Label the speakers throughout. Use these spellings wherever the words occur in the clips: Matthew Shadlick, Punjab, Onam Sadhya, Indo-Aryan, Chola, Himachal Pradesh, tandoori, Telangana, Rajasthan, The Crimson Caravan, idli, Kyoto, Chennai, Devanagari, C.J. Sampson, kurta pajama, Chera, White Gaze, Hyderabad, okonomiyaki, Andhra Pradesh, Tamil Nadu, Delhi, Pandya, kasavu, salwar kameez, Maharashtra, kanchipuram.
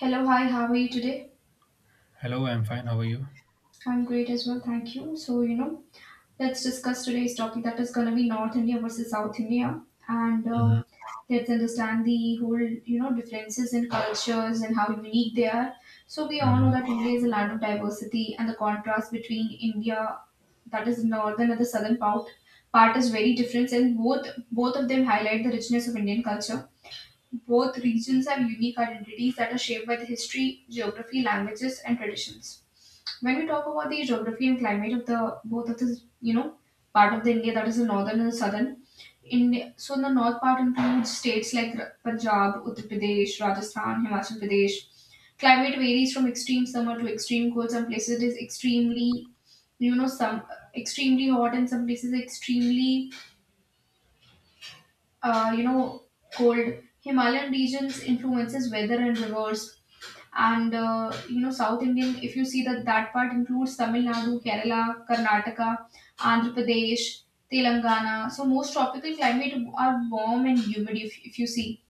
Speaker 1: Hello, hi, how are you today?
Speaker 2: Hello, I'm fine. How are you?
Speaker 1: I'm great as well, thank you. So, let's discuss today's topic that is going to be North India versus South India. And
Speaker 2: hmm
Speaker 1: let's understand the whole differences in cultures and how unique they are. So, we all know
Speaker 2: hmm
Speaker 1: that India is a land of diversity, and the contrast between India, that is northern and the southern part is very different. And both of them highlight the richness of Indian culture. Both regions have unique identities that are shaped by the history, geography, languages, and traditions. When we talk about the geography and climate of the both of the you know part of the India, that is the northern and the southern India. So the north part includes states like Punjab, Uttar Pradesh, Rajasthan, Himachal Pradesh. Climate varies from extreme summer to extreme cold. Some places it is extremely, you know some extremely hot, and some places extremely, uh, you know, cold. Himalayan regions influences weather and rivers. And South Indian, if you see, that part includes Tamil Nadu, Kerala, Karnataka, Andhra Pradesh, Telangana. So most tropical climate are warm and humid, if you see,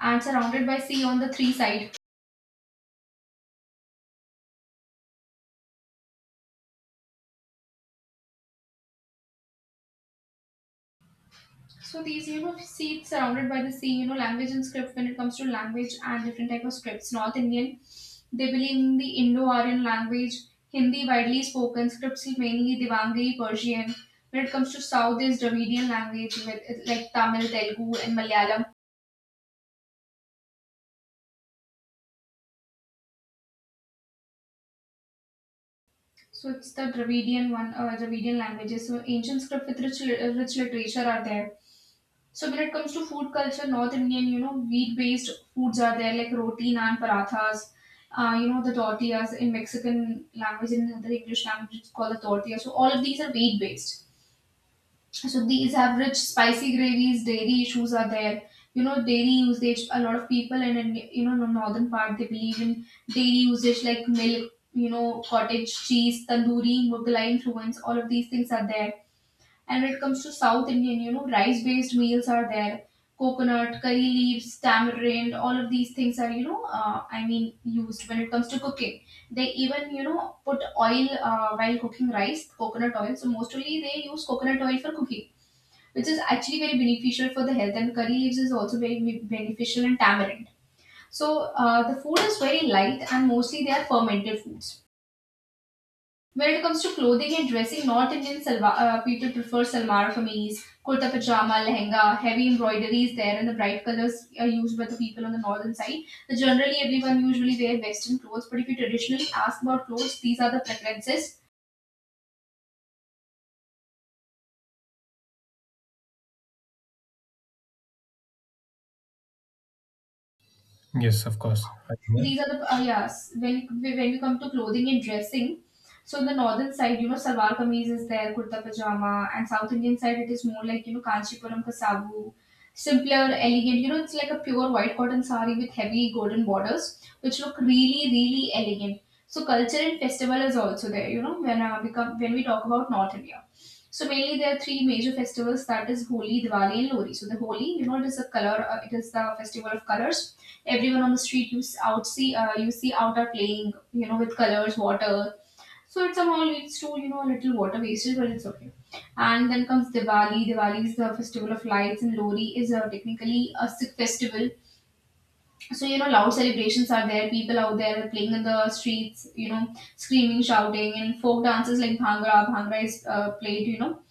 Speaker 1: and surrounded by sea on the three sides. So these, see, it's surrounded by the sea. Language and script, when it comes to language and different type of scripts. North Indian, they believe in the Indo-Aryan language, Hindi widely spoken, scripts mainly Devanagari, Persian. When it comes to South, there's Dravidian language with like Tamil, Telugu and Malayalam. So it's the Dravidian one, Dravidian languages. So ancient script with rich, rich literature are there. So when it comes to food culture, North Indian, wheat-based foods are there like roti, naan, parathas. The tortillas in Mexican language, in the English language, it's called the tortilla. So all of these are wheat-based. So these have rich spicy gravies, dairy issues are there. Dairy usage, a lot of people in northern part, they believe in dairy usage like milk, cottage cheese, tandoori, Mughalai influence, all of these things are there. And when it comes to South Indian, rice based meals are there. Coconut, curry leaves, tamarind, all of these things are, I mean, used when it comes to cooking. They even, put oil while cooking rice, coconut oil. So, mostly they use coconut oil for cooking, which is actually very beneficial for the health. And curry leaves is also very beneficial in tamarind. So, the food is very light and mostly they are fermented foods. When it comes to clothing and dressing, North Indian people prefer salwar kameez, kurta pajama, lehenga. Heavy embroidery is there, and the bright colors are used by the people on the northern side. So generally, everyone usually wear Western clothes. But if you traditionally ask about clothes, these are the preferences.
Speaker 2: Yes, of course. Are you there?
Speaker 1: These are the Yes, when we come to clothing and dressing, so in the northern side, salwar kameez is there, kurta pajama, and South Indian side it is more like, Kanchipuram Kasavu, simpler, elegant. It's like a pure white cotton sari with heavy golden borders, which look really, really elegant. So culture and festival is also there, when we talk about North India. So mainly there are three major festivals, that is Holi, Diwali, and Lori. So the Holi, it is the festival of colors. Everyone on the street, you see out are playing, with colors, water. So it somehow leads to, a little water wastage, but it's okay. And then comes Diwali. Diwali is the festival of lights, and Lori is technically a Sikh festival. So, loud celebrations are there, people out there playing in the streets, screaming, shouting, and folk dances like Bhangra. Bhangra is played,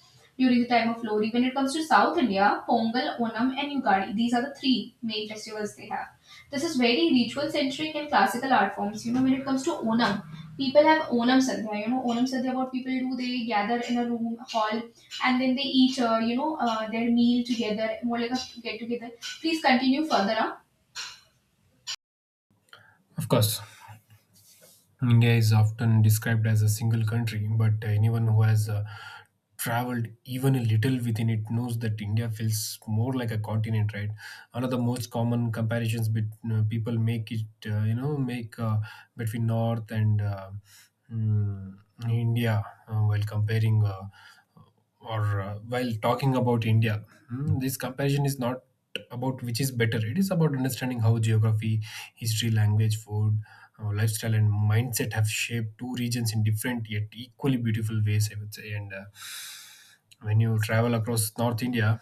Speaker 1: during the time of Lori. When it comes to South India, Pongal, Onam, and Ugadi, these are the three main festivals they have. This is very ritual centric and classical art forms. When it comes to Onam, people have Onam Sadhya. Onam Sadhya, what people do, they gather in a room, hall, and then they eat, their meal together, more like a get together. Please continue further. Huh?
Speaker 2: Of course. India is often described as a single country, but anyone who has traveled even a little within it knows that India feels more like a continent, right? One of the most common people make it, you know, make between North and mm, India while comparing. Or While talking about India, this comparison is not about which is better. It is about understanding how geography, history, language, food, lifestyle, and mindset have shaped two regions in different yet equally beautiful ways, I would say. And When you travel across North India,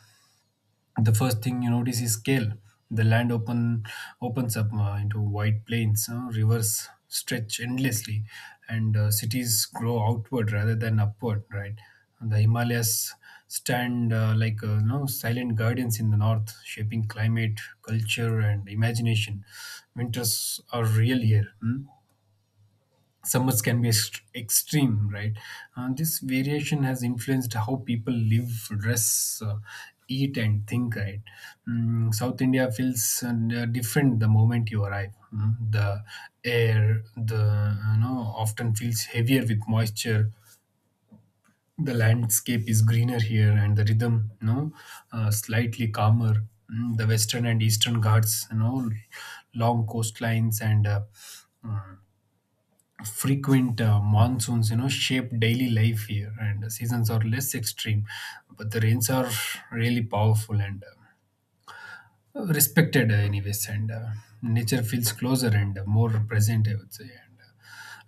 Speaker 2: the first thing you notice is scale. The land open opens up into wide plains, rivers stretch endlessly, and cities grow outward rather than upward. Right, the Himalayas stand like silent guardians in the north, shaping climate, culture, and imagination. Winters are real here. Hmm? Summers can be extreme, right? This variation has influenced how people live, dress, eat, and think, right? South India feels different the moment you arrive. The air often feels heavier with moisture. The landscape is greener here, and the rhythm, slightly calmer. The western and eastern ghats, long coastlines and frequent monsoons you know shape daily life here, and seasons are less extreme, but the rains are really powerful and respected anyways. And Nature feels closer and more present, I would say. And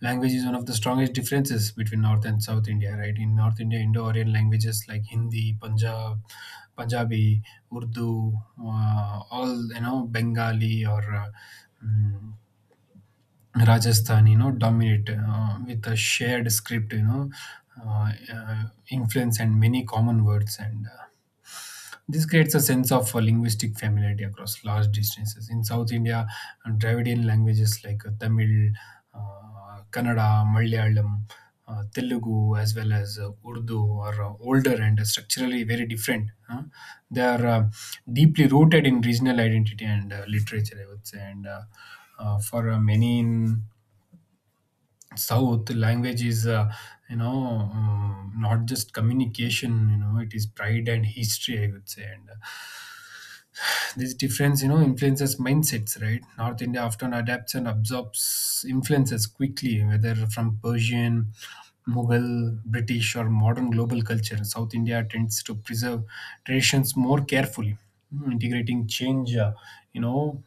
Speaker 2: Language is one of the strongest differences between north and south India, right? In north India, Indo-Aryan languages like Hindi, Punjabi, Urdu, all you know Bengali or mm, Rajasthan, you know, dominate with a shared script, uh, uh, influence and many common words. And This creates a sense of linguistic familiarity across large distances. In South India, Dravidian languages like Tamil, Kannada, Malayalam, Telugu, as well as Urdu are older and structurally very different. Huh? They are deeply rooted in regional identity and literature, I would say. And for many in south, language is not just communication, you know, it is pride and history, I would say. And This difference, you know, influences mindsets, right? North India often adapts and absorbs influences quickly, whether from Persian, Mughal, British, or modern global culture. South India tends to preserve traditions more carefully, integrating change you know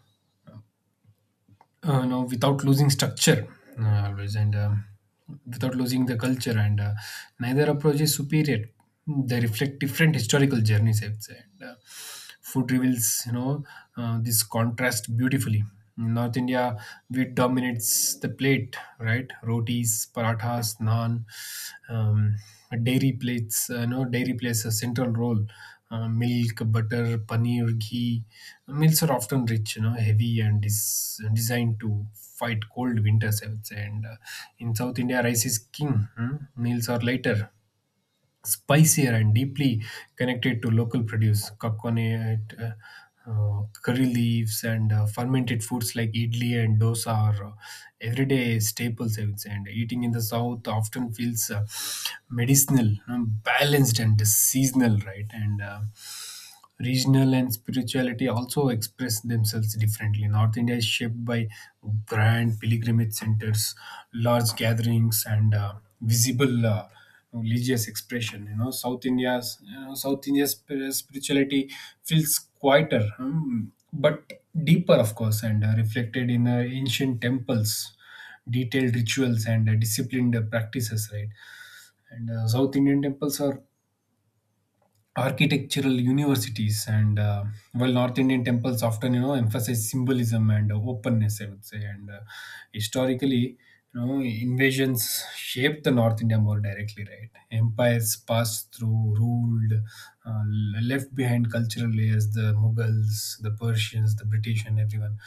Speaker 2: without losing structure, always, and without losing the culture. And Neither approach is superior. They reflect different historical journeys, I would say. And Food reveals, you know, this contrast beautifully. In north India, wheat dominates the plate, right? Rotis, parathas, naan um, dairy plates, you know, dairy plays a central role, milk, butter, paneer, ghee. Meals are often rich, you know, heavy and is designed to fight cold winters, I would say. And In South India, rice is king. Hmm? Meals are lighter, spicier, and deeply connected to local produce, coconut, curry leaves, and fermented foods like idli and dosa are everyday staples, I would say. And eating in the south often feels medicinal, balanced, and seasonal, right? And Regional and spirituality also express themselves differently. North India is shaped by grand pilgrimage centers, large gatherings, and visible religious expression. You know, South India's spirituality feels quieter, but deeper, of course, and reflected in ancient temples, detailed rituals, and disciplined practices. Right, and South Indian temples are architectural universities, and well, north Indian temples often, you know, emphasize symbolism and openness, I would say. And Historically, you know, invasions shaped the north India more directly, right? Empires passed through, ruled, uh, left behind cultural layers, the Mughals, the Persians, the British, and everyone.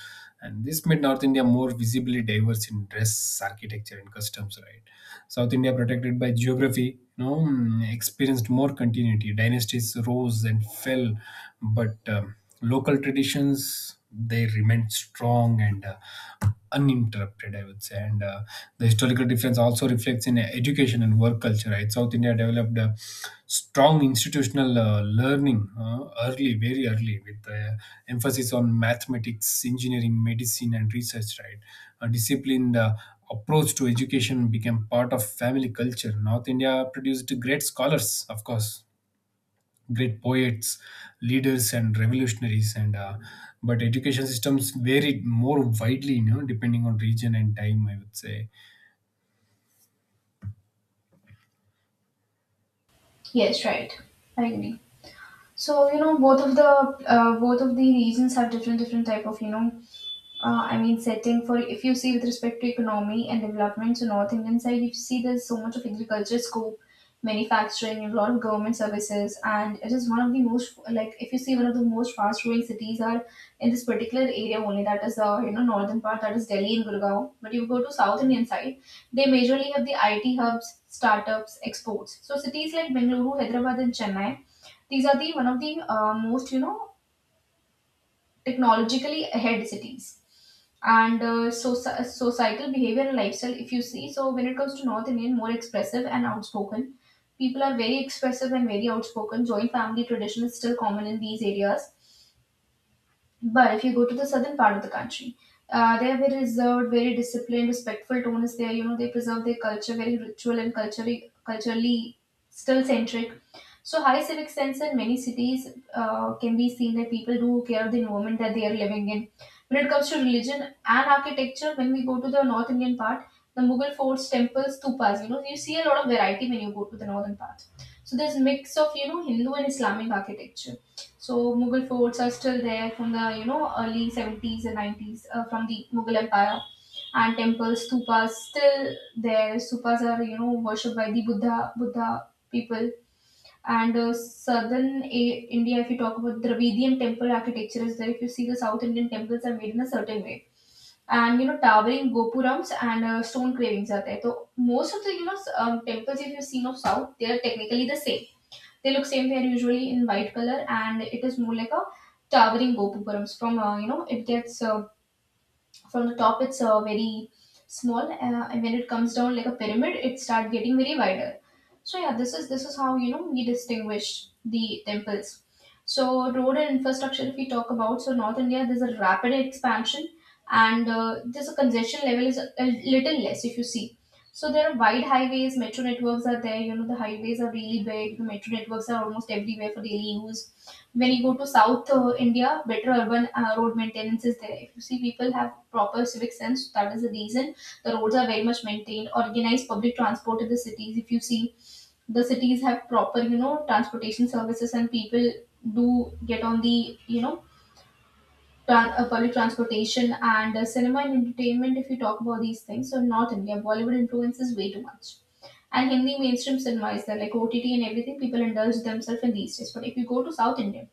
Speaker 2: And this made north India more visibly diverse in dress, architecture, and customs, right? South India, protected by geography, you know, experienced more continuity. Dynasties rose and fell, but local traditions, they remained strong and uninterrupted, I would say. And The historical difference also reflects in education and work culture, right? South India developed a strong institutional learning early, very early, with emphasis on mathematics, engineering, medicine, and research, right? A disciplined approach to education became part of family culture. North India produced great scholars, of course, great poets, leaders, and revolutionaries, and but education systems varied more widely, you know, depending on region and time, I would say.
Speaker 1: Yes, right. I agree. So, both of the regions have different type of, I mean, setting for, if you see, with respect to economy and development. So North Indian side, if you see, there's so much of agriculture scope, manufacturing, and a lot of government services, and it is one of the most, like if you see, one of the most fast growing cities are in this particular area only. That is the, northern part, that is Delhi and Gurgaon. But you go to South Indian side, they majorly have the IT hubs, startups, exports. So cities like Bengaluru, Hyderabad, and Chennai, these are the one of the most, technologically ahead cities. And societal behavior and lifestyle, if you see, so when it comes to North Indian, more expressive and outspoken. People are very expressive and very outspoken. Joint family tradition is still common in these areas, but if you go to the southern part of the country, they are very reserved, very disciplined, respectful tone is there. They preserve their culture, very ritual and culturally still centric. So high civic sense in many cities can be seen, that people do care of the environment that they are living in. When it comes to religion and architecture, when we go to the North Indian part, the Mughal forts, temples, stupas, you see a lot of variety when you go to the northern part. So there's mix of, Hindu and Islamic architecture. So Mughal forts are still there from the, early 70s and 90s, from the Mughal Empire, and temples, stupas still there. Stupas are, worshipped by the Buddha people. And southern India, if you talk about Dravidian temple architecture, is there. If you see, the South Indian temples are made in a certain way, and, towering gopurams and stone carvings are there. So most of the, temples, if you've seen of South, they are technically the same, they look same. They're usually in white color, and it is more like a towering gopupuram. From you know, it gets From the top it's very small, and when it comes down like a pyramid it start getting very wider. So yeah, this is how, we distinguish the temples. So road and infrastructure, if we talk about, so North India, there's a rapid expansion. And there's a congestion level, is a little less, if you see. So there are wide highways, metro networks are there, the highways are really big, the metro networks are almost everywhere for daily use. When you go to South India, better urban road maintenance is there. If you see, people have proper civic sense, that is the reason the roads are very much maintained. Organized public transport in the cities. If you see, the cities have proper, transportation services, and people do get on the, public transportation. And cinema and entertainment, if you talk about these things, so North India Bollywood influence is way too much. And Hindi mainstream cinema is there, like OTT and everything. People indulge themselves in these days. But if you go to South India,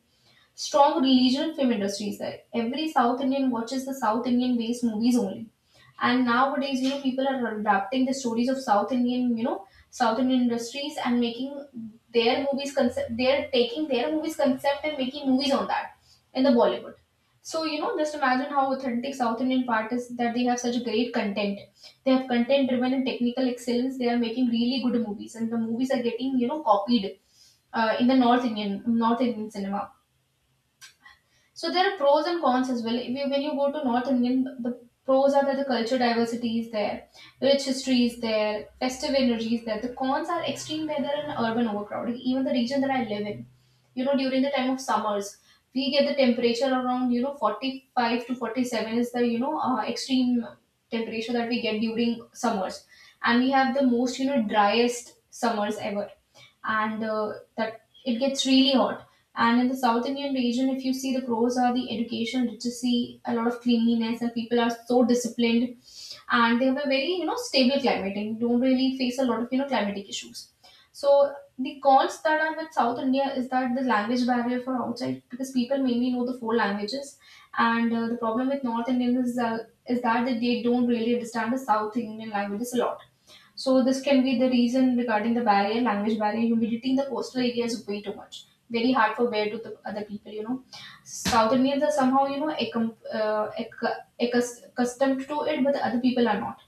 Speaker 1: strong regional film industries there. Every South Indian watches the South Indian based movies only. And nowadays, people are adapting the stories of South Indian industries and making their movies concept. They're taking their movies concept and making movies on that in the Bollywood. So, just imagine how authentic South Indian part is, that they have such great content. They have content driven and technical excellence. They are making really good movies, and the movies are getting, copied in the North Indian cinema. So there are pros and cons as well. If you- When you go to North Indian, the pros are that the culture diversity is there, rich history is there, festive energy is there. The cons are extreme weather and urban overcrowding. Even the region that I live in, during the time of summers, we get the temperature around 45 to 47 is the extreme temperature that we get during summers, and we have the most driest summers ever and that it gets really hot. And in the South Indian region, if you see, the pros are the education literacy, a lot of cleanliness, and people are so disciplined, and they have a very stable climate and don't really face a lot of climatic issues. So the cons that are with South India is that the language barrier for outside, because people mainly know the four languages, and the problem with North Indians is that they don't really understand the South Indian languages a lot, so this can be the reason regarding the barrier, language barrier. Humidity in the coastal areas is way too much. Very hard for bear to the other people. South Indians are somehow, accustomed to it, but the other people are not.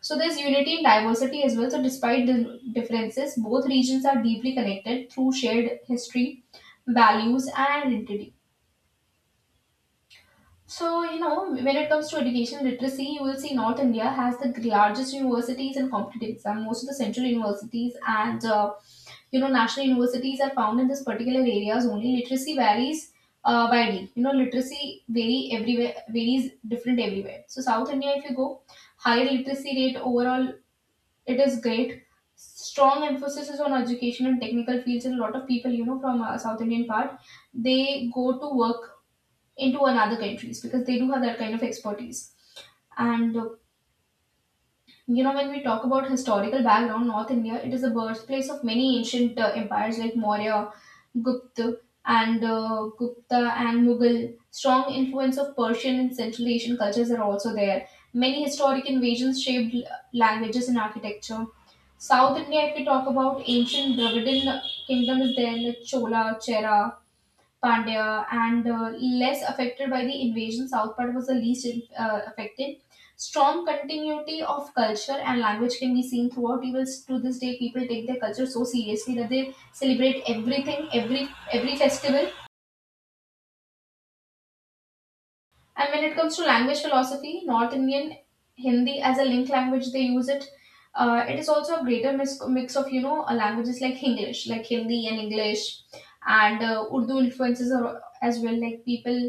Speaker 1: So there's unity in diversity as well. So despite the differences, both regions are deeply connected through shared history, values, and identity. So, when it comes to education literacy, you will see North India has the largest universities and competitive exam. Most of the central universities and, national universities are found in this particular areas only. Literacy varies widely. Literacy vary everywhere, varies different everywhere. So, South India, if you go, higher literacy rate overall, it is great. Strong emphasis is on education and technical fields, and a lot of people, from South Indian part, they go to work into another countries because they do have that kind of expertise. And when we talk about historical background, North India, it is the birthplace of many ancient empires like Maurya, Gupta, Gupta and Mughal. Strong influence of Persian and Central Asian cultures are also there. Many historic invasions shaped languages and architecture. South India, if we talk about ancient Dravidian kingdom, is there, like Chola, Chera, Pandya, and less affected by the invasion. South part was the least affected. Strong continuity of culture and language can be seen throughout. Even to this day, people take their culture so seriously that they celebrate everything, every festival. And when it comes to language philosophy, North Indian Hindi as a link language, they use it. It is also a greater mix of languages like English, like Hindi and English, and Urdu influences are as well. Like, people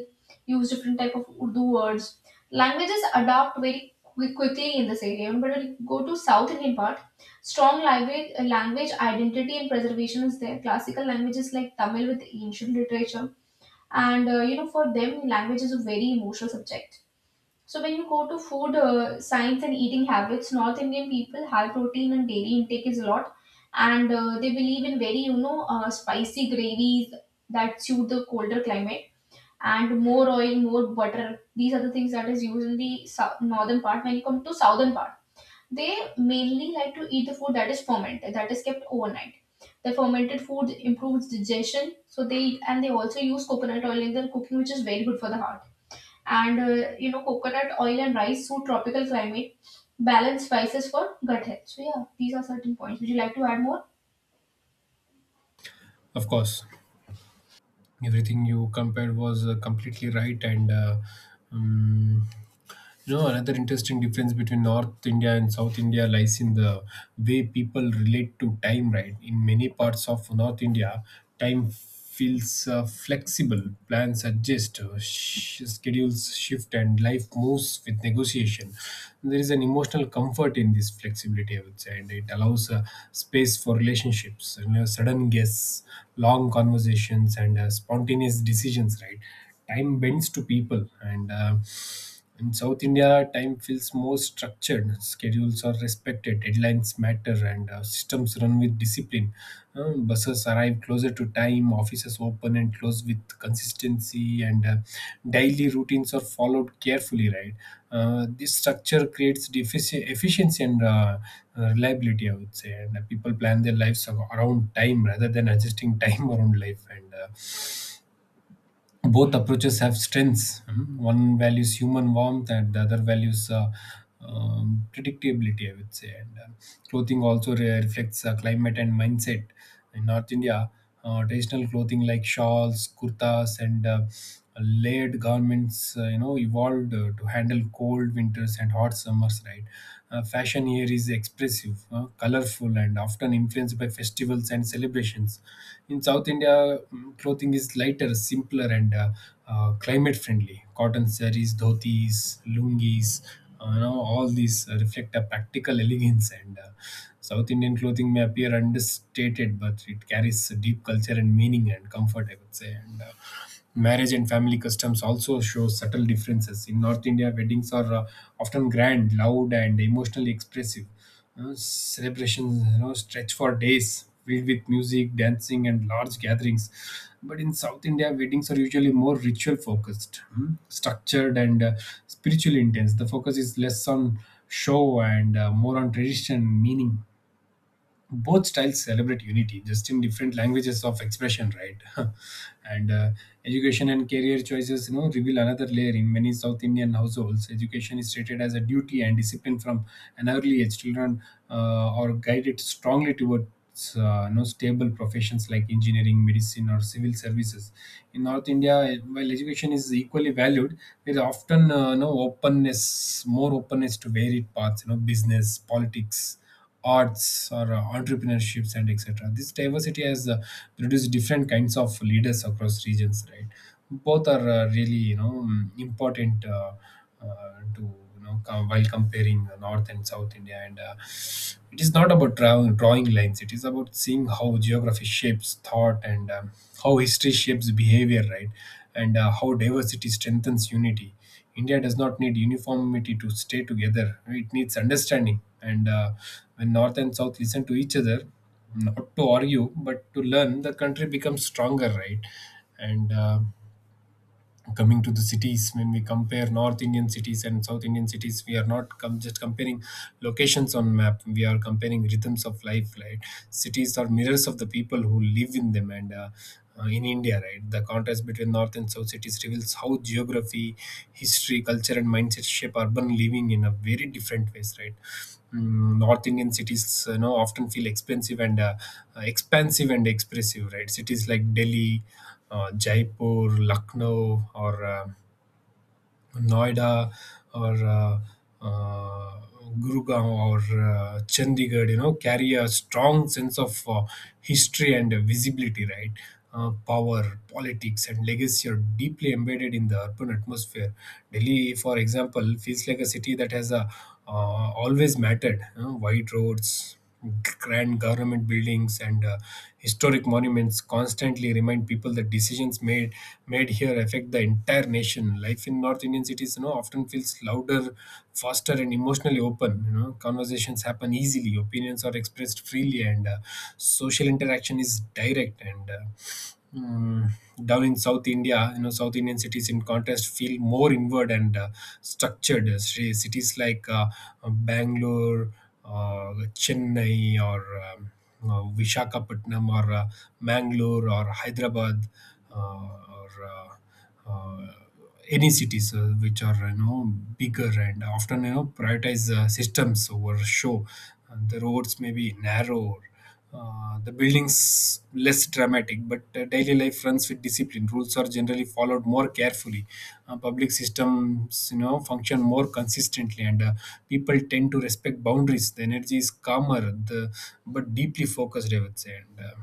Speaker 1: use different type of Urdu words. Languages adapt very quickly in this area. But when we go to South Indian part, strong language identity and preservation is there. Classical languages like Tamil with ancient literature, and for them language is a very emotional subject. So when you go to food, science and eating habits, North Indian people, high protein and dairy intake is a lot, and they believe in very spicy gravies that suit the colder climate, and more oil, more butter, these are the things that is used in the northern part. When you come to southern part, they mainly like to eat the food that is fermented, that is kept overnight. The fermented food improves digestion, so they eat, and they also use coconut oil in their cooking, which is very good for the heart. And coconut oil and rice suit tropical climate, balanced spices for gut health. So yeah, these are certain points. Would you like to add more?
Speaker 2: Of course. Everything you compared was completely right. and um, you know, another interesting difference between North India and South India lies in the way people relate to time, right? In many parts of North India, time feels flexible, plans adjust, schedules shift, and life moves with negotiation. There is an emotional comfort in this flexibility, I would say, and it allows space for relationships, you know, sudden guests, long conversations, and spontaneous decisions, right? Time bends to people. And In South India, time feels more structured. Schedules are respected, deadlines matter, and systems run with discipline. Buses arrive closer to time, offices open and close with consistency, and daily routines are followed carefully. Right, this structure creates efficiency and reliability, I would say. And People plan their lives around time rather than adjusting time around life. And Both approaches have strengths. Mhm. One values human warmth, and the other values predictability, I would say. And Clothing also reflects climate and mindset. In North India, traditional clothing like shawls, kurtas, and layered garments, you know, evolved to handle cold winters and hot summers. Right, fashion here is expressive, colorful, and often influenced by festivals and celebrations. In South India, clothing is lighter, simpler, and climate friendly. Cotton sarees, dhotis, lungis, you know, all these reflect a practical elegance. And South Indian clothing may appear understated, but it carries a deep culture and meaning and comfort, I would say. And Marriage and family customs also show subtle differences. In North India, weddings are often grand, loud, and emotionally expressive. You know, celebrations, you know, stretch for days, filled with music, dancing, and large gatherings. But in South India, weddings are usually more ritual focused, structured, and spiritually intense. The focus is less on show and more on tradition and meaning. Both styles celebrate unity, just in different languages of expression, right? and Education and career choices, you know, reveal another layer. In many south Indian households, education is treated as a duty and discipline from an early age. Children are guided strongly towards you know, stable professions like engineering, medicine, or civil services. In North India, while education is equally valued, there is often no openness, more openness to varied paths, you know, business, politics, arts, or entrepreneurships, and etc. This diversity has produced different kinds of leaders across regions, right? Both are really, you know, important, to you know while comparing the north and south India. And It is not about drawing lines, it is about seeing how geography shapes thought and how history shapes behavior, right? and How diversity strengthens unity. India does not need uniformity to stay together. It needs understanding. And When North and South listen to each other, not to argue, but to learn, the country becomes stronger, right? And Coming to the cities, when we compare north Indian cities and south Indian cities, we are not just comparing locations on map, we are comparing rhythms of life, right? Cities are mirrors of the people who live in them, and in India, right? The contrast between north and south cities reveals how geography, history, culture, and mindset shape urban living in a very different ways, right? North Indian cities, you know, often feel expensive and expansive and expressive, right? Cities like Delhi, Jaipur, Lucknow, or Noida, or uh, Gurugram, or Chandigarh, you know, carry a strong sense of history and visibility, right? Power, politics, and legacy are deeply embedded in the urban atmosphere. Delhi, for example, feels like a city that has always mattered. You know, wide roads, grand government buildings, and historic monuments constantly remind people that decisions made here affect the entire nation. Life in North Indian cities, you know, often feels louder, faster, and emotionally open. You know, conversations happen easily, opinions are expressed freely, and social interaction is direct. Mm, Down in South India, you know, South Indian cities, in contrast, feel more inward and structured. Cities like Bangalore, Chennai, or Vishakhapatnam, or Mangalore, or Hyderabad, or uh, uh, any cities which are you know bigger and often you know prioritize systems over show. And the roads may be narrow, the building's less dramatic, but daily life runs with discipline. Rules are generally followed more carefully. Public systems, you know, function more consistently, and people tend to respect boundaries. The energy is calmer, the but deeply focused, I would say. And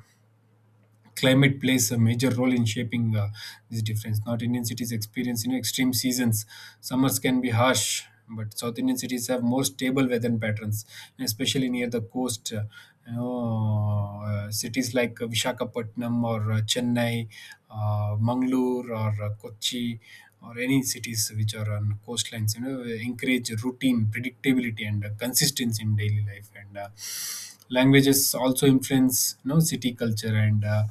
Speaker 2: Climate plays a major role in shaping this difference. North Indian cities experience you know extreme seasons. Summers can be harsh, but South Indian cities have more stable weather patterns, and especially near the coast. Cities like Vishakhapatnam or Chennai, Mangalore or Kochi, or any cities which are on coastlines, you know, encourage routine, predictability, and consistency in daily life. And Languages also influence, you know, city culture. and uh,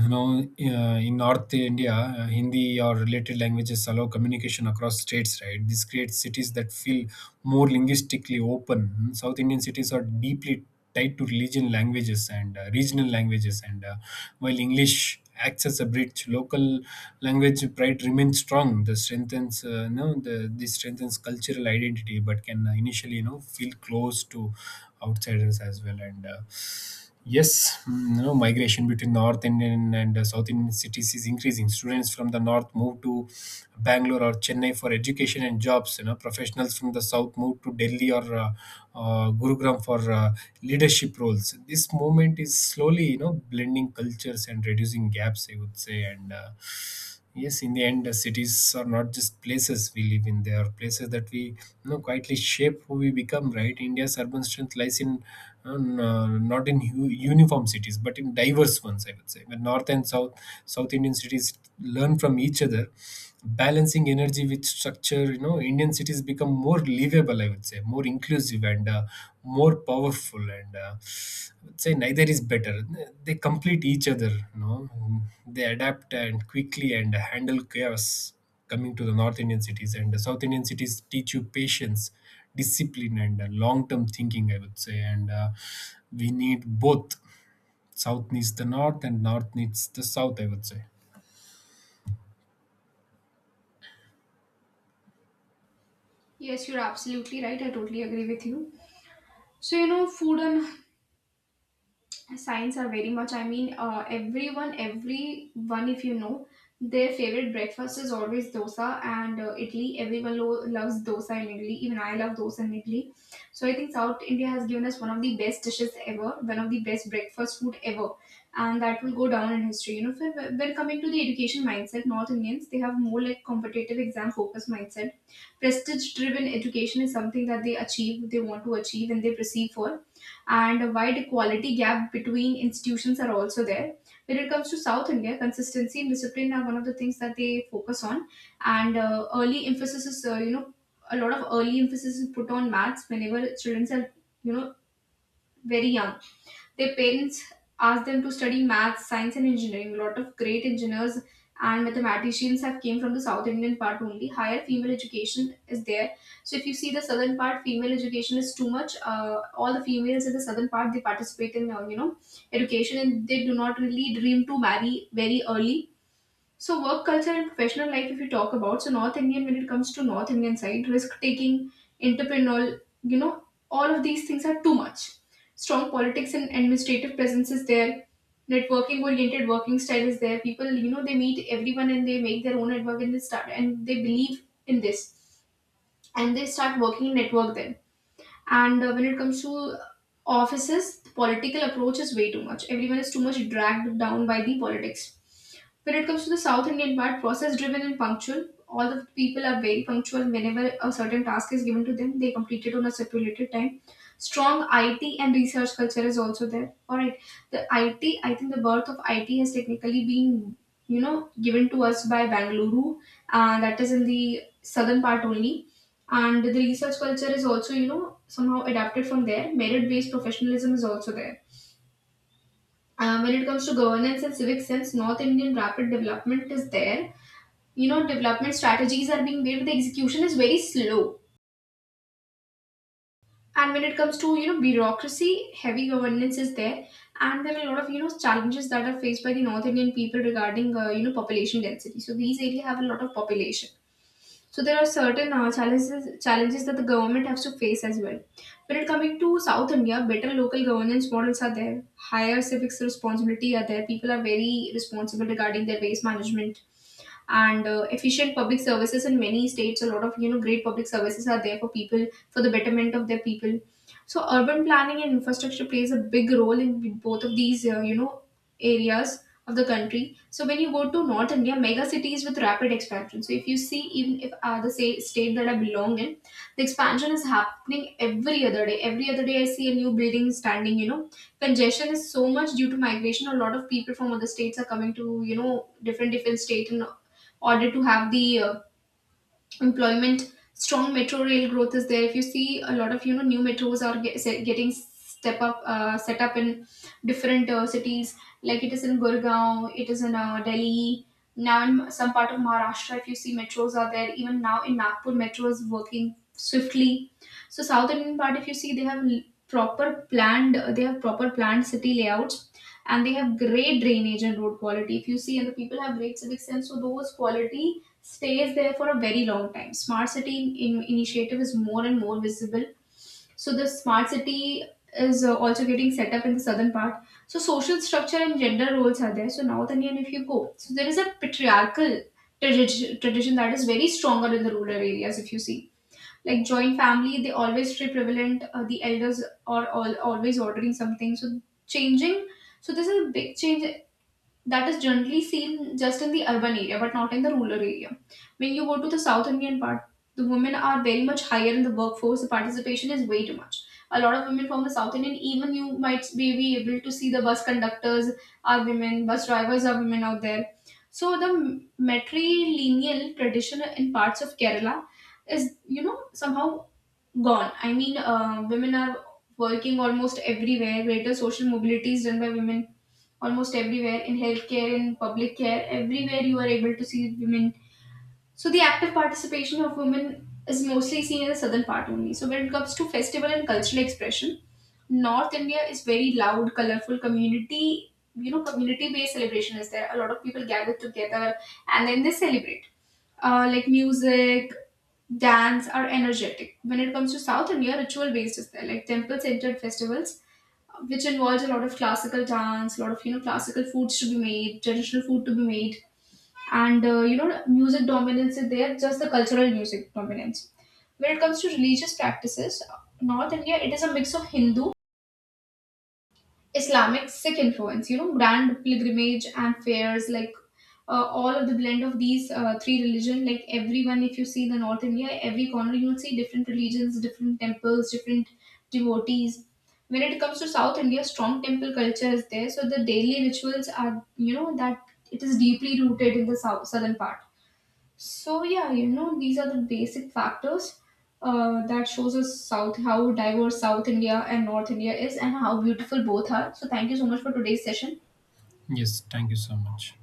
Speaker 2: you know, uh, In North India, Hindi or related languages allow communication across states, right? This creates cities that feel more linguistically open. South Indian cities are deeply tied to religion, languages, and regional languages. And While English acts as a bridge, local language pride remains strong. This strengthens, this strengthens cultural identity, but can initially, you know, feel close to outsiders as well. And Yes, you know, migration between north Indian and south Indian cities is increasing. Students from the north move to Bangalore or Chennai for education and jobs. You know, professionals from the south moved to Delhi or Gurugram for leadership roles. This movement is slowly, you know, blending cultures and reducing gaps, I would say. And Yes, in the end, cities are not just places we live in; they are places that we, you know, quietly shape who we become. Right? India's urban strength lies in not in uniform cities, but in diverse ones, I would say. When north and South Indian cities learn from each other, balancing energy with structure, you know, Indian cities become more livable, I would say, more inclusive and more powerful. And I would say neither is better. They complete each other, you know. They adapt and quickly and handle chaos. Coming to the north Indian cities and the south Indian cities, teach you patience, discipline, and long term thinking, I would say. And We need both. South needs the north and north needs the south, I would say.
Speaker 1: Yes, you're absolutely right. I totally agree with you. So, food and signs are very much. I mean, everyone if you know their favorite breakfast is always dosa and idli. Everyone loves dosa and idli. Even I love dosa and idli. So I think South India has given us one of the best dishes ever, one of the best breakfast food ever, and that will go down in history. So when coming to the education mindset, North Indians, they have more like competitive exam focused mindset. Prestige driven education is something that they achieve, they want to achieve and they perceive for, and a wide quality gap between institutions are also there. When it comes to South India, consistency and discipline are one of the things that they focus on, and early emphasis is you know a lot of early emphasis is put on maths, whenever children are you know very young, their parents asked them to study math, science, and engineering. A lot of great engineers and mathematicians have came from the South Indian part only. Higher female education is there. So if you see the southern part, female education is too much. All the females in the southern part, they participate in education, and they do not really dream to marry very early. So work culture and professional life, if you talk about, so North Indian, when it comes to North Indian side, risk taking, entrepreneurial, all of these things are too much. Strong politics and administrative presence is there. Networking oriented working style is there. People, they meet everyone and they make their own network, and they start, and they believe in this, and they start working in network then, and when it comes to offices, the political approach is way too much. Everyone is too much dragged down by the politics. When it comes to the South Indian part, process driven and punctual. All the people are very punctual. Whenever a certain task is given to them, they complete it on a stipulated time. Strong IT and research culture is also there. All right, the IT. I think the birth of IT has technically been, given to us by Bangalore, that is in the southern part only, and the research culture is also somehow adapted from there. Merit based professionalism is also there. When it comes to governance and civic sense, North Indian, rapid development is there. Development strategies are being made, but the execution is very slow, and when it comes to, bureaucracy heavy governance is there. And there are a lot of challenges that are faced by the North Indian people regarding, population density, so these areas have a lot of population, so there are certain challenges that the government has to face as well. When it coming to South India, better local governance models are there. Higher civics responsibility are there. People are very responsible regarding their waste management, and efficient public services in many states, a lot of great public services are there for people, for the betterment of their people. So urban planning and infrastructure plays a big role in both of these areas of the country. So when you go to North India, mega cities with rapid expansion. So if you see, even if the say, state that I belong in, the expansion is happening every other day, every other day I see a new building standing. Congestion is so much due to migration. A lot of people from other states are coming to, different different state, and order to have the employment. Strong metro rail growth is there. If you see, a lot of new metros are get, se- getting step up set up in different cities, like it is in Gurgaon, it is in Delhi, now in some part of Maharashtra, if you see, metros are there. Even now in Nagpur metro is working swiftly. So South Indian part, if you see, they have proper proper planned city layouts, and they have great drainage and road quality, if you see, and the people have great civic sense, so those quality stays there for a very long time. Smart city initiative is more and more visible. So the smart city is also getting set up in the southern part. So social structure and gender roles are there. So North Indian, if you go, so there is a patriarchal tradition that is very stronger in the rural areas. If you see, like joint family, they always stay prevalent. The elders are all always ordering something. So changing. So this is a big change that is generally seen just in the urban area but not in the rural area. When you go to the South Indian part, the women are very much higher in the workforce, the participation is way too much. A lot of women from the South Indian, even you might be able to see, the bus conductors are women, bus drivers are women out there. So the matrilineal tradition in parts of Kerala is, somehow gone. I mean, women are working almost everywhere. Greater social mobility is done by women almost everywhere, in healthcare, in public care, everywhere you are able to see women. So the active participation of women is mostly seen in the southern part only. So when it comes to festival and cultural expression, North India is very loud, colorful community. Community-based celebration is there. A lot of people gather together and then they celebrate. Like music, dance are energetic. When it comes to South India, ritual-based is there. Like temple-centered festivals, which involves a lot of classical dance, a lot of classical foods to be made, traditional food to be made, and music dominance is there, just the cultural music dominance. When it comes to religious practices, North India, it is a mix of Hindu, Islamic, Sikh influence, grand pilgrimage and fairs, like all of the blend of these three religion, like, everyone, if you see the North India, every corner you will see different religions, different temples, different devotees. When it comes to South India, strong temple culture is there, so the daily rituals are, that it is deeply rooted in the southern part. So yeah, these are the basic factors that shows us South how diverse South India and North India is, and how beautiful both are. So thank you so much for today's session.
Speaker 2: Yes, thank you so much.